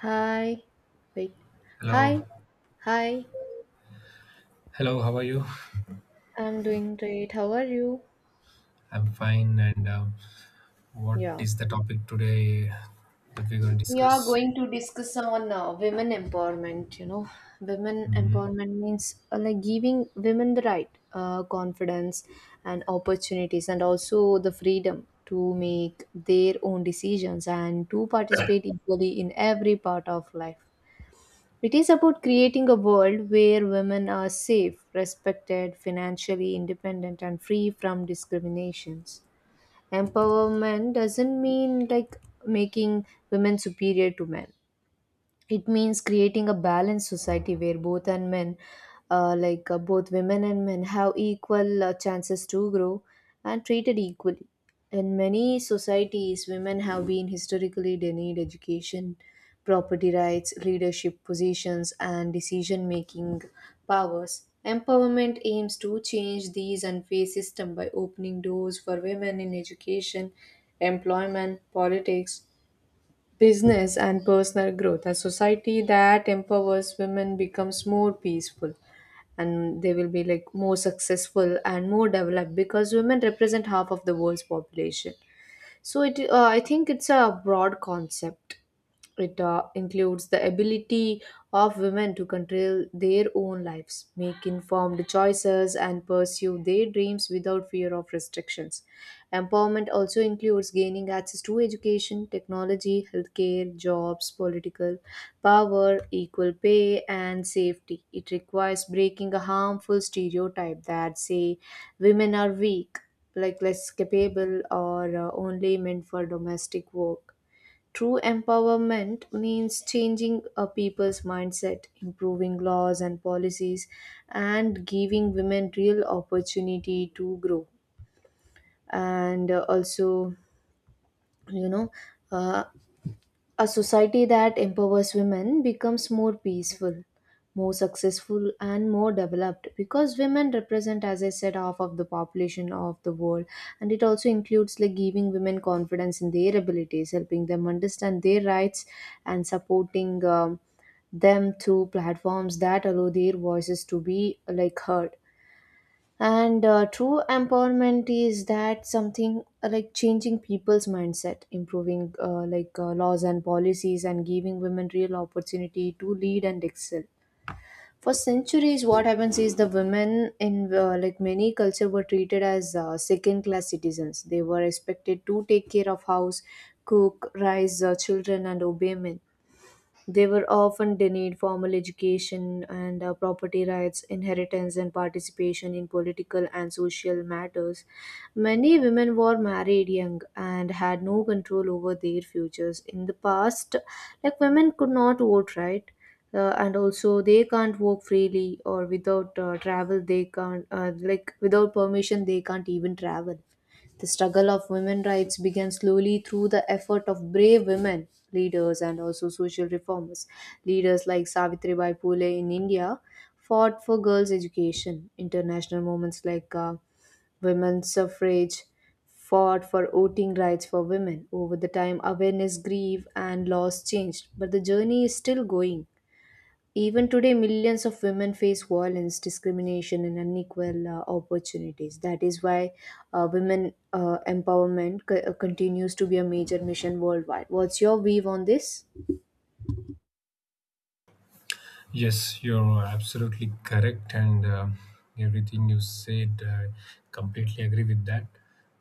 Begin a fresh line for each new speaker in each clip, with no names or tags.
Hi. Wait.
Hello,
Hi. Hi.
hello. How are you?
I'm doing great. How are you?
I'm fine. And what
Yeah.
is the topic today that we're going to
We are
discuss?
going to discuss on women empowerment. Women
Mhm.
empowerment means like giving women the right, confidence, and opportunities, and also the freedom to make their own decisions and to participate equally in every part of life. It is about creating a world where women are safe, respected, financially independent, and free from discriminations. Empowerment doesn't mean like making women superior to men. It means creating a balanced society where both women and men have equal chances to grow and treated equally. In many societies, women have been historically denied education, property rights, leadership positions, and decision making powers. Empowerment aims to change these unfair systems by opening doors for women in education, employment, politics, business, and personal growth. A society that empowers women becomes more peaceful, and they will be like more successful and more developed because women represent half of the world's population. So it, I think it's a broad concept. It includes the ability of women to control their own lives, make informed choices, and pursue their dreams without fear of restrictions. Empowerment also includes gaining access to education, technology, healthcare, jobs, political power, equal pay, and safety. It requires breaking a harmful stereotype that say women are weak, like less capable, or only meant for domestic work. True empowerment means changing a people's mindset, improving laws and policies, and giving women real opportunity to grow. And also, you know, uh, a society that empowers women becomes more peaceful, more successful, and more developed because women represent, as I said, half of the population of the world. And it also includes like giving women confidence in their abilities, helping them understand their rights, and supporting them through platforms that allow their voices to be like heard. And true empowerment is that something like changing people's mindset, improving laws and policies, and giving women real opportunity to lead and excel. For centuries, what happens is the women in like many culture were treated as second-class citizens. They were expected to take care of house, cook, raise children, and obey men. They were often denied formal education and property rights, inheritance, and participation in political and social matters. Many women were married young and had no control over their futures. In the past, like women could not vote, right? And also, they can't work freely or without travel, they can't, like, without permission, they can't even travel. The struggle of women rights began slowly through the effort of brave women leaders and also social reformers. Leaders like Savitribai Phule in India fought for girls' education. International movements like women's suffrage fought for voting rights for women. Over the time, awareness grief, and laws changed, but the journey is still going. Even today, millions of women face violence, discrimination, and unequal opportunities. That is why women continues to be a major mission worldwide. What's your view on this?
Yes, you're absolutely correct, and everything you said, I completely agree with that.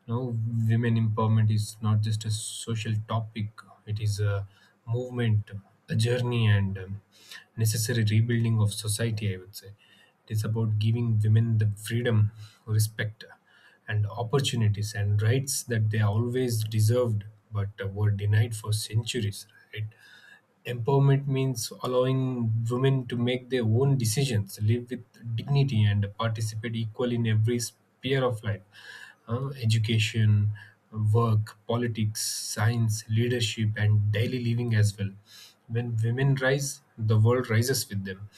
No, women empowerment is not just a social topic; it is a movement, a journey, and necessary rebuilding of society. I would say it is about giving women the freedom, respect, and opportunities and rights that they always deserved but were denied for centuries. Right? Empowerment means allowing women to make their own decisions, live with dignity, and participate equally in every sphere of life, education, work, politics, science, leadership, and daily living as well. When women rise, the world rises with them.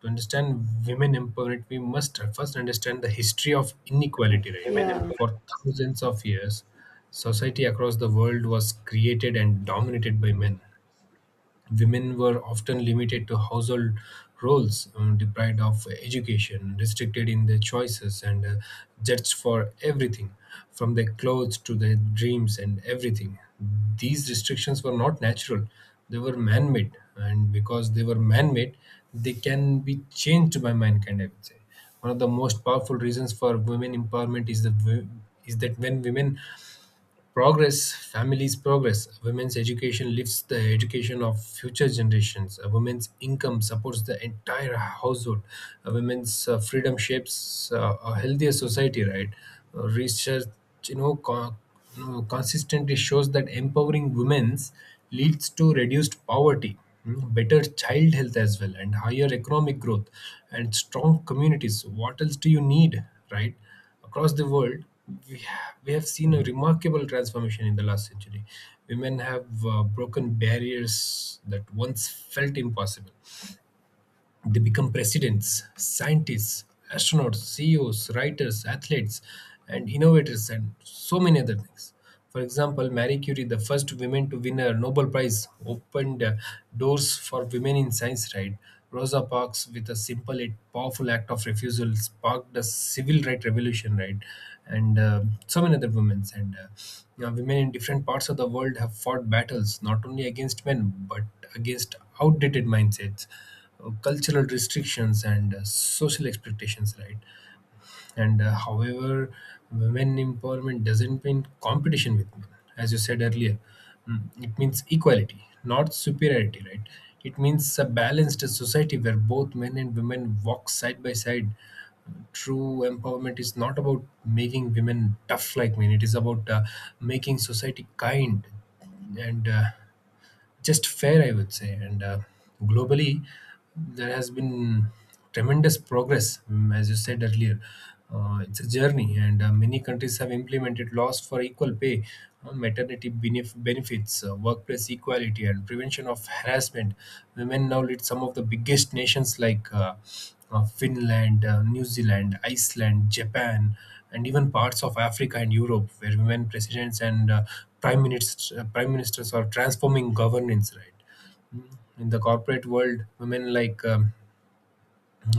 To understand women empowerment, we must first understand the history of inequality, right?
Women, yeah, empowerment.
For thousands of years, society across the world was created and dominated by men. Women were often limited to household roles, deprived of education, restricted in their choices, and judged for everything from their clothes to their dreams and everything. These restrictions were not natural, they were man made, and because they were man made, they can be changed by mankind, I would say one of the most powerful reasons for women empowerment is is that when women progress, families progress. A women's education lifts the education of future generations. A woman's income supports the entire household. A woman's freedom shapes a healthier society, right? Research, you know, co- consistently shows that empowering women's leads to reduced poverty, mm, better child health as well, and higher economic growth and strong communities. What else do you need, right? Across the world, we have seen a remarkable transformation in the last century. Women have broken barriers that once felt impossible. They become presidents, scientists, astronauts, CEOs, writers, athletes, and innovators, and so many other things. For example, Marie Curie, the first woman to win a Nobel Prize, opened doors for women in science, right? Rosa Parks, with a simple yet powerful act of refusal, sparked a civil right revolution, right? And so many other women. And women in different parts of the world have fought battles, not only against men, but against outdated mindsets, cultural restrictions, and social expectations, right? And however, women empowerment doesn't mean competition with men, as you said earlier. Mm, it means equality, not superiority, right? It means a balanced society where both men and women walk side by side. True empowerment is not about making women tough like men, it is about making society kind and just fair, I would say. And globally, there has been tremendous progress, mm, as you said earlier. It's a journey, and many countries have implemented laws for equal pay, maternity benefits, workplace equality, and prevention of harassment. Women now lead some of the biggest nations like Finland, New Zealand, Iceland, Japan, and even parts of Africa and Europe where women presidents and prime ministers are transforming governance, right? Mm. In the corporate world, women like um,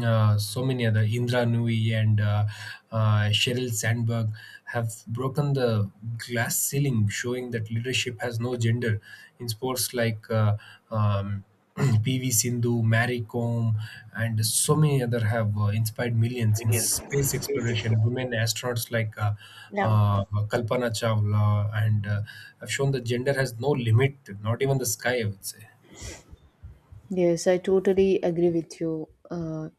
uh, so many other, Indra Nui, and Sheryl Sandberg have broken the glass ceiling, showing that leadership has no gender. In sports like um, PV Sindhu, Mary Kom, and so many other have inspired millions. In space exploration, women astronauts like
Yeah.
Kalpana Chawla and have shown that gender has no limit, not even the sky, I would say.
Yes, I totally agree with you.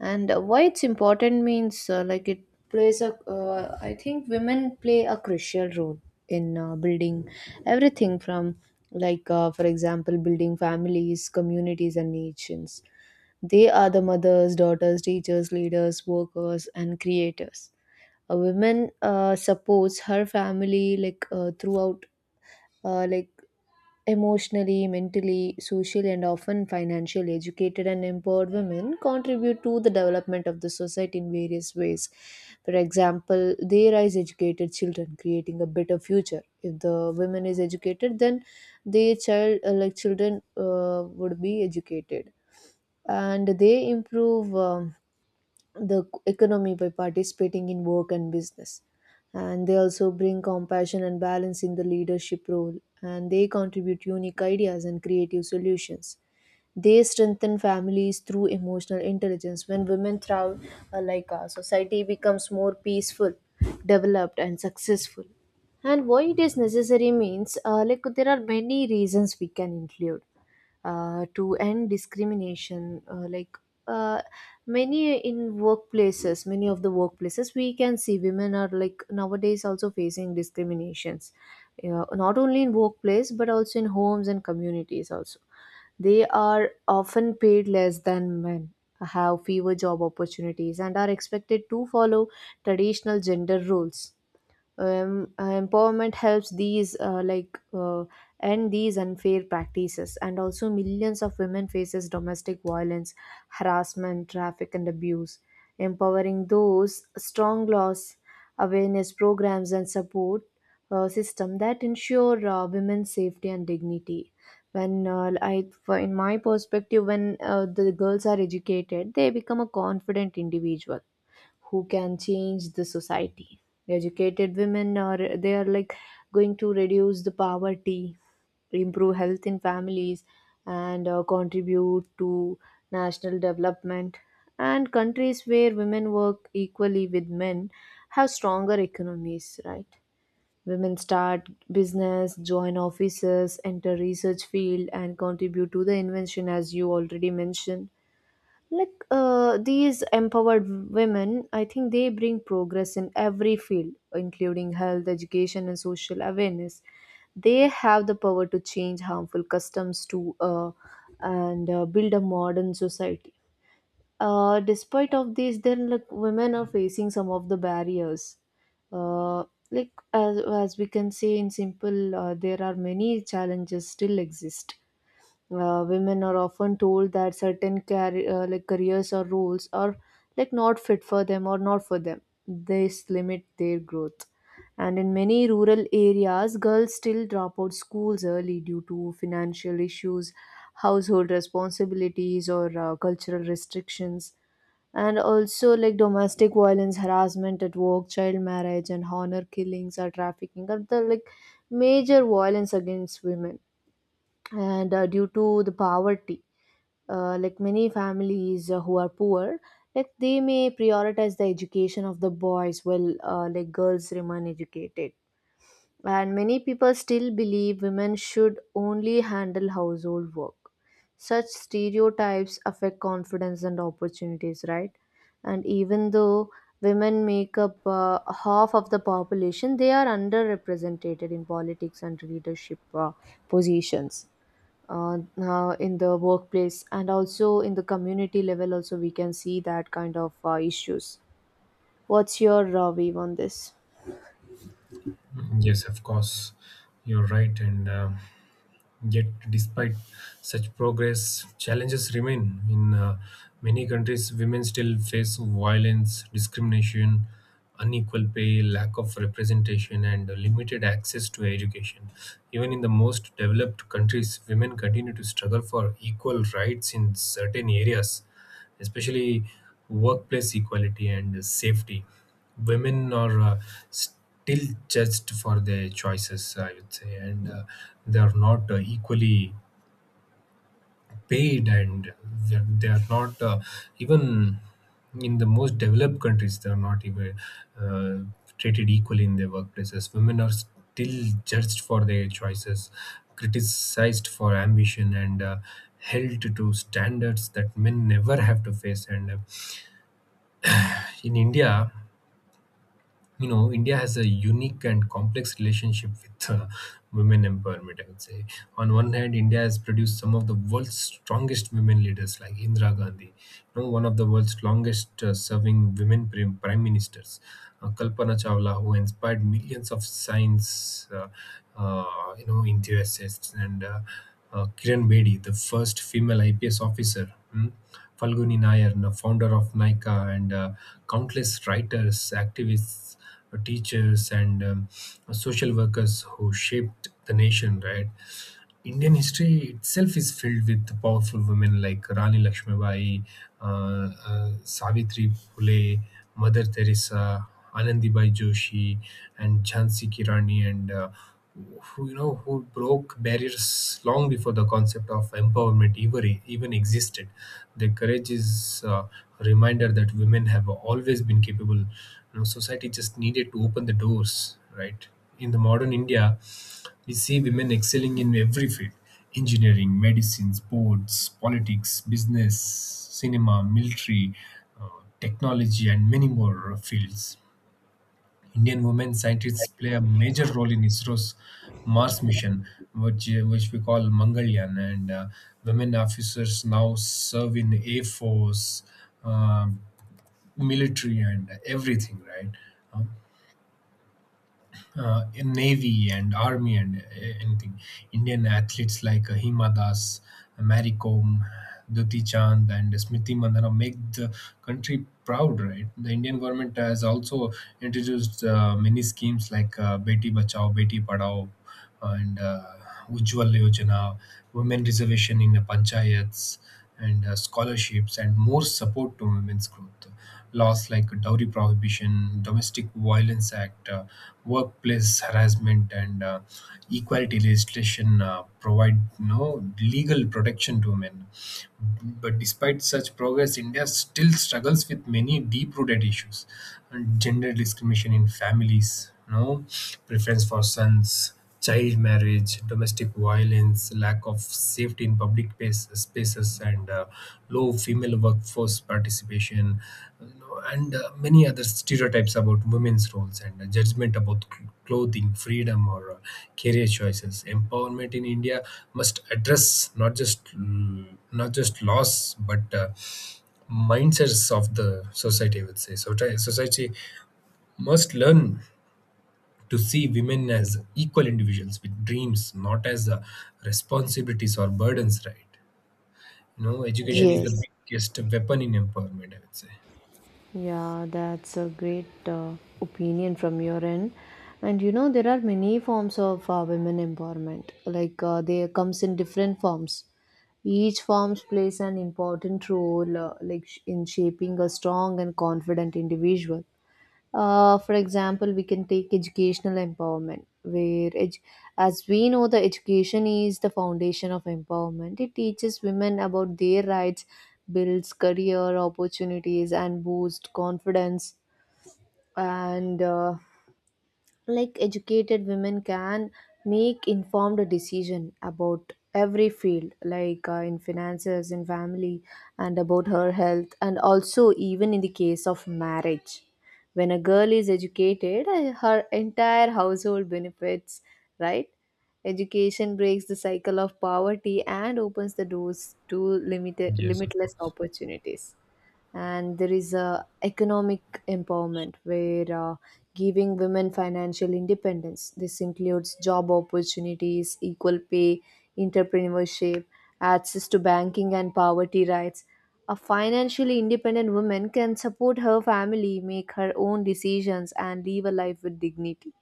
And why it's important means like it plays a, I think women play a crucial role in building everything from, like, for example, building families, communities, and nations. They are the mothers, daughters, teachers, leaders, workers, and creators. A woman supports her family like throughout uh, like emotionally, mentally, social, and often financially. Educated and empowered women contribute to the development of the society in various ways. For example, they raise educated children, creating a better future. If the women is educated, then their child, children, would be educated, and they improve the economy by participating in work and business. And they also bring compassion and balance in the leadership role, and they contribute unique ideas and creative solutions. They strengthen families through emotional intelligence. When women thrive, like our society becomes more peaceful, developed, and successful. And why it is necessary means, like there are many reasons we can include to end discrimination, uh, many in workplaces, many of the workplaces we can see women are like nowadays also facing discriminations. Yeah, not only in workplace, but also in homes and communities also. They are often paid less than men, have fewer job opportunities, and are expected to follow traditional gender roles. Empowerment helps these end these unfair practices. And also, millions of women faces domestic violence, harassment, traffic, and abuse. Empowering those strong laws, awareness programs, and support system that ensure women's safety and dignity. When in my perspective, when the girls are educated, they become a confident individual who can change the society. Educated women are, they are like going to reduce the poverty, improve health in families, and contribute to national development. And countries where women work equally with men have stronger economies, right? Women start business, join offices, enter research field, and contribute to the invention, as you already mentioned. Like these empowered women, I think they bring progress in every field, including health, education, and social awareness. They have the power to change harmful customs to and build a modern society. Despite of this, then, like women are facing some of the barriers. uh, like, as we can say in simple, there are many challenges still exist. Women are often told that like careers or roles are like not fit for them or not for them. This limit their growth. And in many rural areas, girls still drop out schools early due to financial issues, household responsibilities, or cultural restrictions. And also, like domestic violence, harassment at work, child marriage, and honor killings or trafficking are the like major violence against women. And due to the poverty, like many families who are poor, like they may prioritize the education of the boys while like girls remain educated. And many people still believe women should only handle household work. Such stereotypes affect confidence and opportunities, right? And even though women make up half of the population, they are underrepresented in politics and leadership positions, in the workplace and also in the community level also. We can see that kind of issues. What's your view on this?
Mm, yes, of course, you're right, and. Yet, despite such progress, challenges remain. In many countries, women still face violence, discrimination, unequal pay, lack of representation, and limited access to education. Even in the most developed countries, women continue to struggle for equal rights in certain areas, especially workplace equality and safety. Women are still judged for their choices, I would say, and they are not equally paid, and they are not even in the most developed countries, they are not even uh, treated equally in their workplaces. Women are still judged for their choices, criticized for ambition, and held to standards that men never have to face. And in India, you know, India has a unique and complex relationship with women empowerment, I would say. On one hand, India has produced some of the world's strongest women leaders like Indira Gandhi, you know, one of the world's longest serving women prime ministers, Kalpana Chawla, who inspired millions of science enthusiasts, and Kiran Bedi, the first female IPS officer, mm, Falguni Nayar, the founder of Nika, and countless writers, activists, teachers, and social workers who shaped the nation, right? Indian history itself is filled with powerful women like Rani Lakshmibai, Savitri Phule, Mother Teresa, Anandibai Joshi, and Jhansi Kirani, and who, you know, who broke barriers long before the concept of empowerment ever even existed. Their courage is a reminder that women have always been capable. You know, society just needed to open the doors, right? In the modern India, you see women excelling in every field: engineering, medicine, sports, politics, business, cinema, military, uh, technology, and many more fields. Indian women scientists play a major role in ISRO's Mars mission, which we call Mangalyaan, and women officers now serve in Air Force, uh, military, and everything, right? Uh, in navy and army and anything. Indian athletes like Hima Das, Mary Kom, Duti Chand, and Smriti Mandhana make the country proud, right? The Indian government has also introduced many schemes like Beti Bachao Beti Padhao and Ujjwal Yojana, women reservation in the panchayats, and scholarships, and more support to women's growth. Laws like dowry prohibition, domestic violence act, workplace harassment, and equality legislation provide no legal protection to women. But despite such progress, India still struggles with many deep-rooted issues, and gender discrimination in families, no preference for sons, child marriage, domestic violence, lack of safety in spaces, and low female workforce participation, you know, and many other stereotypes about women's roles and judgment about clothing, freedom, or career choices. Empowerment in India must address not just, mm, not just laws but mindsets of the society, I would say. So society must learn to see women as equal individuals with dreams, not as responsibilities or burdens. Right. No, education is the
Yes.
biggest weapon in empowerment, I would say.
Yeah, that's a great opinion from your end. And you know, there are many forms of women empowerment. Like they comes in different forms. Each form plays an important role like in shaping a strong and confident individual. For example, we can take educational empowerment, where as we know, the education is the foundation of empowerment. It teaches women about their rights, builds career opportunities, and boosts confidence. And like educated women can make informed decision about every field, like in finances, in family, and about her health, and also even in the case of marriage. When a girl is educated, her entire household benefits, right? Education breaks the cycle of poverty and opens the doors to limited
Yes, of
limitless
course.
opportunities. And there is a economic empowerment, where giving women financial independence. This includes job opportunities, equal pay, entrepreneurship, access to banking, and poverty rights. A financially independent woman can support her family, make her own decisions, and live a life with dignity.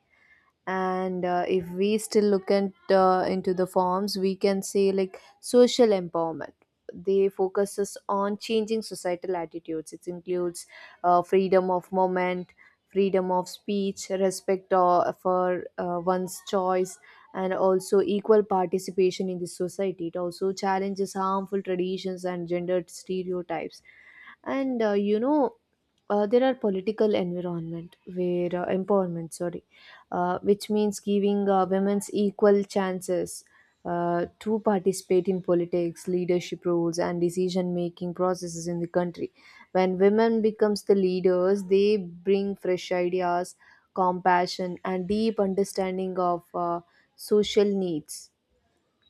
And if we still look at into the forms, we can say like social empowerment. They focuses on changing societal attitudes. It includes freedom of movement, freedom of speech, respect for one's choice, and also equal participation in the society. It also challenges harmful traditions and gendered stereotypes. And you know, there are political environment where empowerment, sorry, which means giving women's equal chances to participate in politics, leadership roles, and decision making processes in the country. When women becomes the leaders, they bring fresh ideas, compassion, and deep understanding of social needs.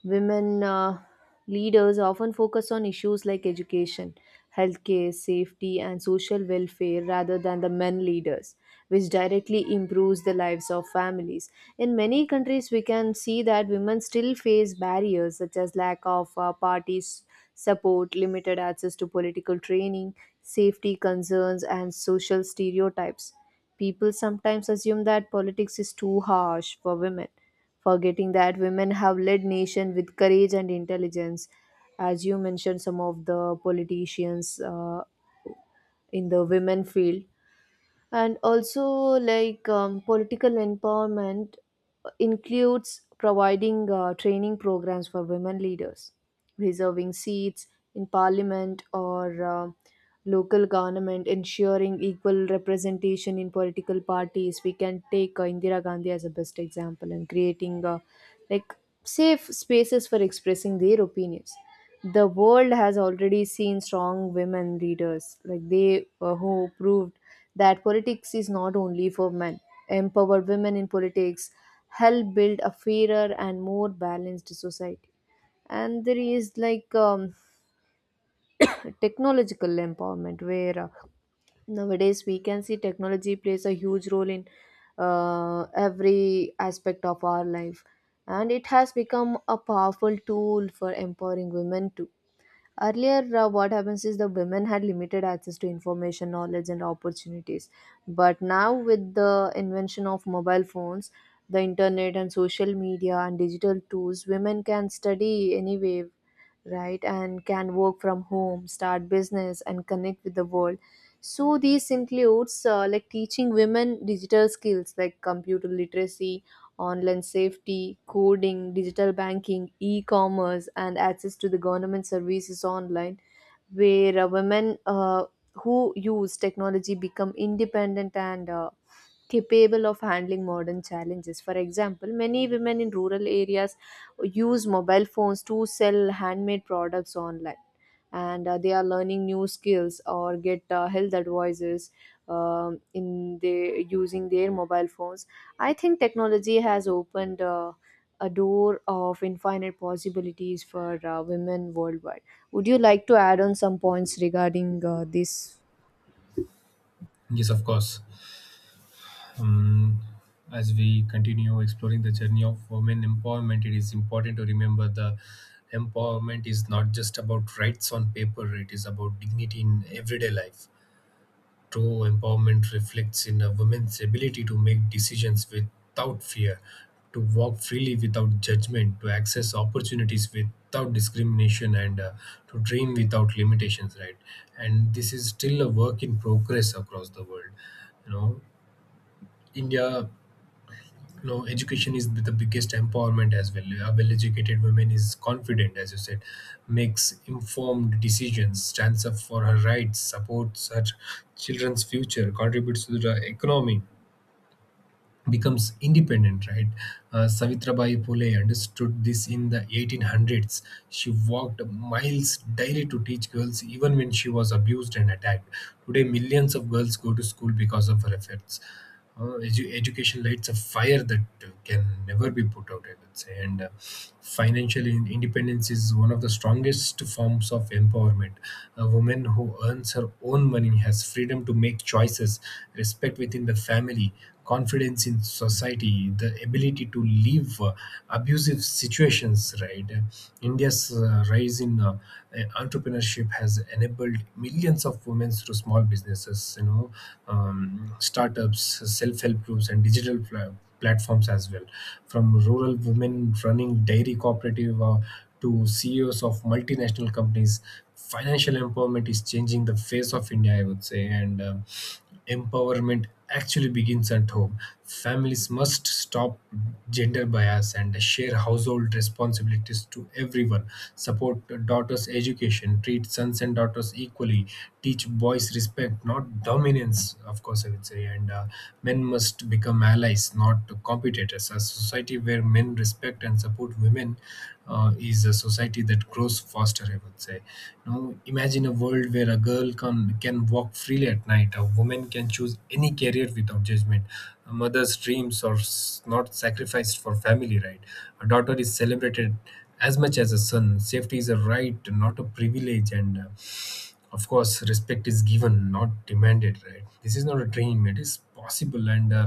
Women leaders often focus on issues like education, healthcare, safety, and social welfare rather than the men leaders, which directly improves the lives of families. In many countries, we can see that women still face barriers such as lack of parties' support, limited access to political training, safety concerns, and social stereotypes. People sometimes assume that politics is too harsh for women, forgetting that women have led nation with courage and intelligence. As you mentioned, some of the politicians in the women field and also political empowerment includes providing training programs for women leaders, reserving seats in parliament or local government, ensuring equal representation in political parties. We can take Indira Gandhi as a best example, and creating like safe spaces for expressing their opinions. The world has already seen strong women leaders like they who proved that politics is not only for men. Empowered women in politics help build a fairer and more balanced society. And there is technological empowerment where nowadays we can see technology plays a huge role in every aspect of our life, and it has become a powerful tool for empowering women too. Earlier, what happens is the women had limited access to information, knowledge, and opportunities. But now, with the invention of mobile phones, the internet, and social media and digital tools, women can study anywhere, right? And can work from home, start business, and connect with the world. So, this includes like teaching women digital skills like computer literacy, online safety, coding, digital banking, e commerce, and access to the government services online, where women who use technology become independent and capable of handling modern challenges. For example, many women in rural areas use mobile phones to sell handmade products online, and they are learning new skills or get health advices in the using their mobile phones. I think technology has opened a door of infinite possibilities for women worldwide. Would you like to add on some points regarding this?
Yes, of course. Um, as we continue exploring the journey of women empowerment, it is important to remember the empowerment is not just about rights on paper, it is about dignity in everyday life. True empowerment reflects in a woman's ability to make decisions without fear, to walk freely without judgment, to access opportunities without discrimination, and to dream without limitations, right? And this is still a work in progress across the world. You know, India, no, education is the biggest empowerment as well. A well educated woman is confident, as you said, makes informed decisions, stands up for her rights, supports her children's future, contributes to the economy, becomes independent, right? Savitrabai Phule understood this in the 1800s. She walked miles daily to teach girls, even when she was abused and attacked. Today, millions of girls go to school because of her efforts. Education lights a fire that can never be put out, I would say. And independence is one of the strongest forms of empowerment. A woman who earns her own money has freedom to make choices, respect within the family, confidence in society, the ability to leave abusive situations, right? India's rise in entrepreneurship has enabled millions of women through small businesses, you know, startups, self-help groups, and digital platforms as well. From rural women running dairy cooperative to CEOs of multinational companies, financial empowerment is changing the face of India, I would say. And empowerment actually begins at home. Families must stop gender bias and share household responsibilities to everyone. Support daughters' education, treat sons and daughters equally, teach boys respect, not dominance, of course, I would say. And men must become allies, not competitors. A society where men respect and support women is a society that grows faster, I would say. You know, imagine a world where a girl can walk freely at night, a woman can choose any career without judgment, a mother's dreams are not sacrificed for family, right? A daughter is celebrated as much as a son, safety is a right, not a privilege, and of course respect is given, not demanded, right? This is not a dream, it is possible, and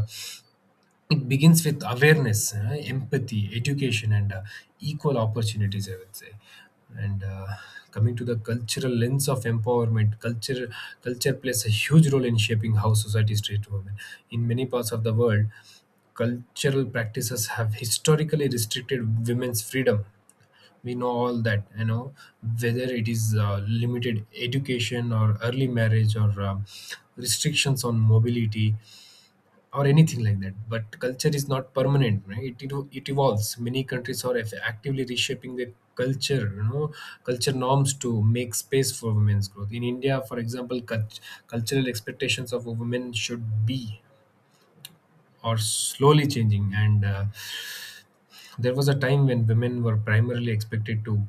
it begins with awareness, empathy, education, and equal opportunities, I would say. And coming to the cultural lens of empowerment, culture plays a huge role in shaping how societies treat women. In many parts of the world, cultural practices have historically restricted women's freedom, we know all that, you know, whether it is limited education or early marriage or restrictions on mobility or anything like that. But culture is not permanent, right? It evolves. Many countries are actively reshaping their culture, you know, culture norms to make space for women's growth. In India, for example, cultural expectations of women should be are slowly changing, and there was a time when women were primarily expected to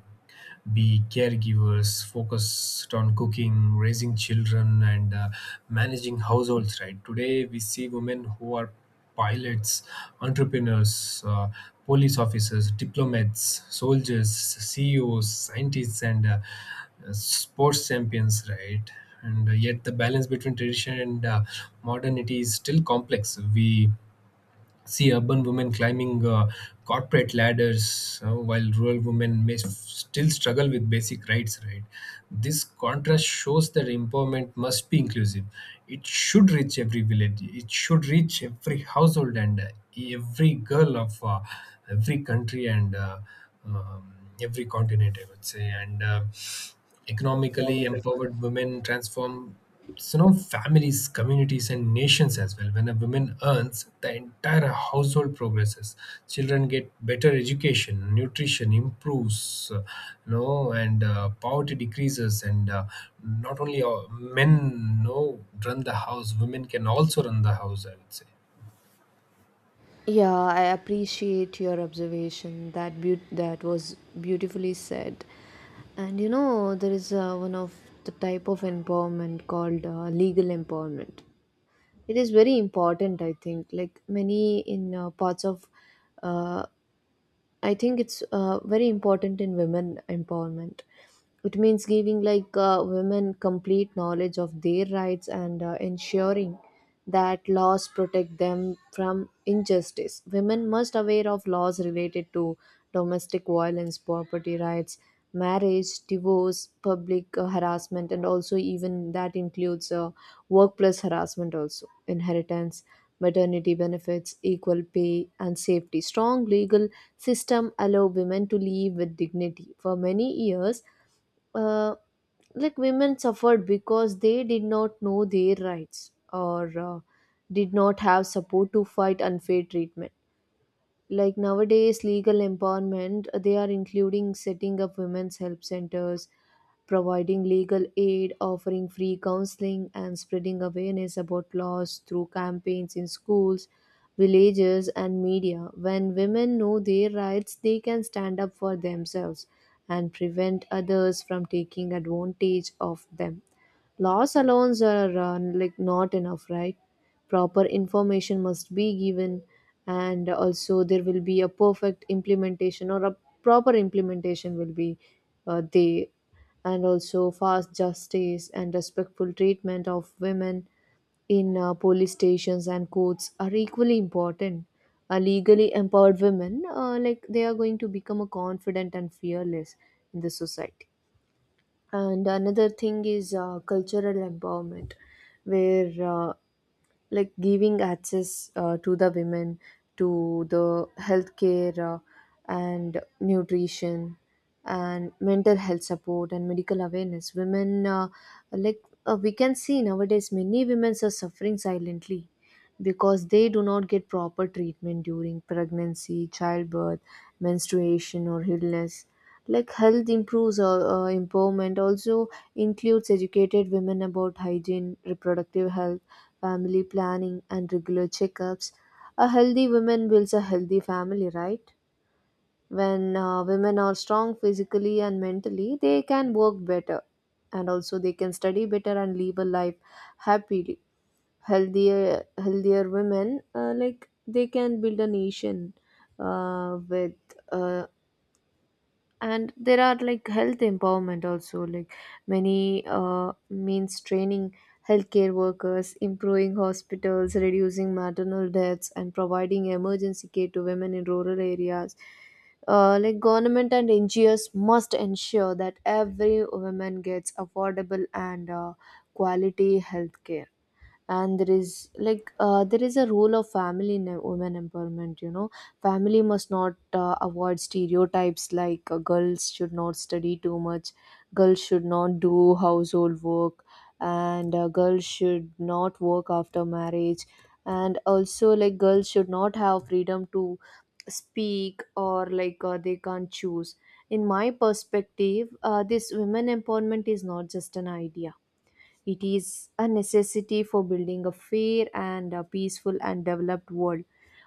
be caregivers, focused on cooking, raising children, and managing households, right? Today, we see women who are pilots, entrepreneurs, police officers, diplomats, soldiers, CEOs, scientists, and sports champions, right? And yet, the balance between tradition and modernity is still complex. We see urban women climbing corporate ladders while rural women may still struggle with basic rights, right? This contrast shows that empowerment must be inclusive, it should reach every village, it should reach every household and every girl of every country and um, every continent, I would say. And economically empowered women transform, so now families, communities, and nations as well. When a woman earns, the entire household progresses, children get better education, nutrition improves, you know, and poverty decreases, and not only men, you know, run the house, women can also run the house, I would say.
Yeah, I appreciate your observation. That was beautifully said. And you know, there is one of the type of empowerment called legal empowerment. It is very important, I think. Like many in parts of uh, I think it's very important in women empowerment. It means giving like women complete knowledge of their rights, and ensuring that laws protect them from injustice. Women must aware of laws related to domestic violence, property rights, marriage, divorce, public harassment, and also even that includes workplace harassment also, inheritance, maternity benefits, equal pay, and safety. Strong legal system allow women to live with dignity for many years. uh, like women suffered because they did not know their rights, or did not have support to fight unfair treatment. Like nowadays legal empowerment, they are including setting up women's help centers, providing legal aid, offering free counseling, and spreading awareness about laws through campaigns in schools, villages, and media. When women know their rights, they can stand up for themselves and prevent others from taking advantage of them. Laws alone are like not enough, right? Proper information must be given, and also there will be a perfect implementation, or a proper implementation will be there, and also fast justice and respectful treatment of women in police stations and courts are equally important. Legally empowered women, like they are going to become a confident and fearless in the society. And another thing is cultural empowerment, where like giving access to the women, to the healthcare and nutrition and mental health support and medical awareness. Women, we can see nowadays, many women are suffering silently because they do not get proper treatment during pregnancy, childbirth, menstruation, or illness. Like health improves, or empowerment also includes educated women about hygiene, reproductive health, family planning, and regular checkups. A healthy woman builds a healthy family, right? When women are strong physically and mentally, they can work better, and also they can study better and live a life happily. Healthier women, like they can build a nation with uh, and there are like health empowerment also, like many means training healthcare workers, improving hospitals, reducing maternal deaths, and providing emergency care to women in rural areas. Like government and NGOs must ensure that every woman gets affordable and quality healthcare. And there is there is a role of family in women empowerment, you know. Family must not avoid stereotypes like girls should not study too much, girls should not do household work, and girls should not work after marriage, and also like girls should not have freedom to speak, or like they can't choose. In my perspective, this women empowerment is not just an idea, it is a necessity for building a fair and a peaceful and developed world.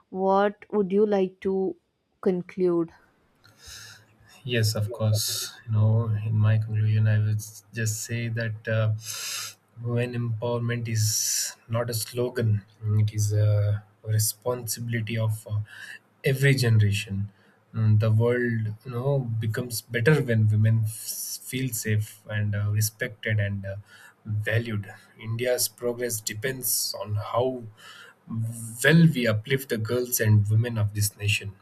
What would you like to conclude?
Yes, of course. You know, in my conclusion, I would just say that when empowerment is not a slogan, it is a responsibility of every generation. Mm, the world, you know, becomes better when women feel safe and respected and valued. India's progress depends on how well we uplift the girls and women of this nation.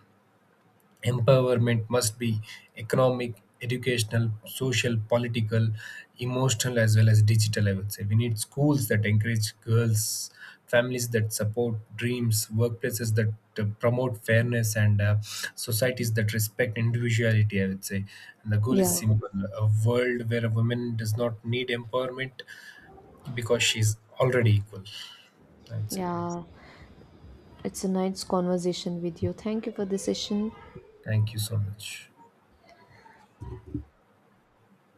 Empowerment must be economic, educational, social, political, emotional, as well as digital. I would say we need schools that encourage girls, families that support dreams, workplaces that promote fairness, and societies that respect individuality, I would say, and the goal is
Yeah.
simple: a world where a woman does not need empowerment because she's already equal, I would say.
Yeah, it's a nice conversation with you. Thank you for the session.
Thank you so much.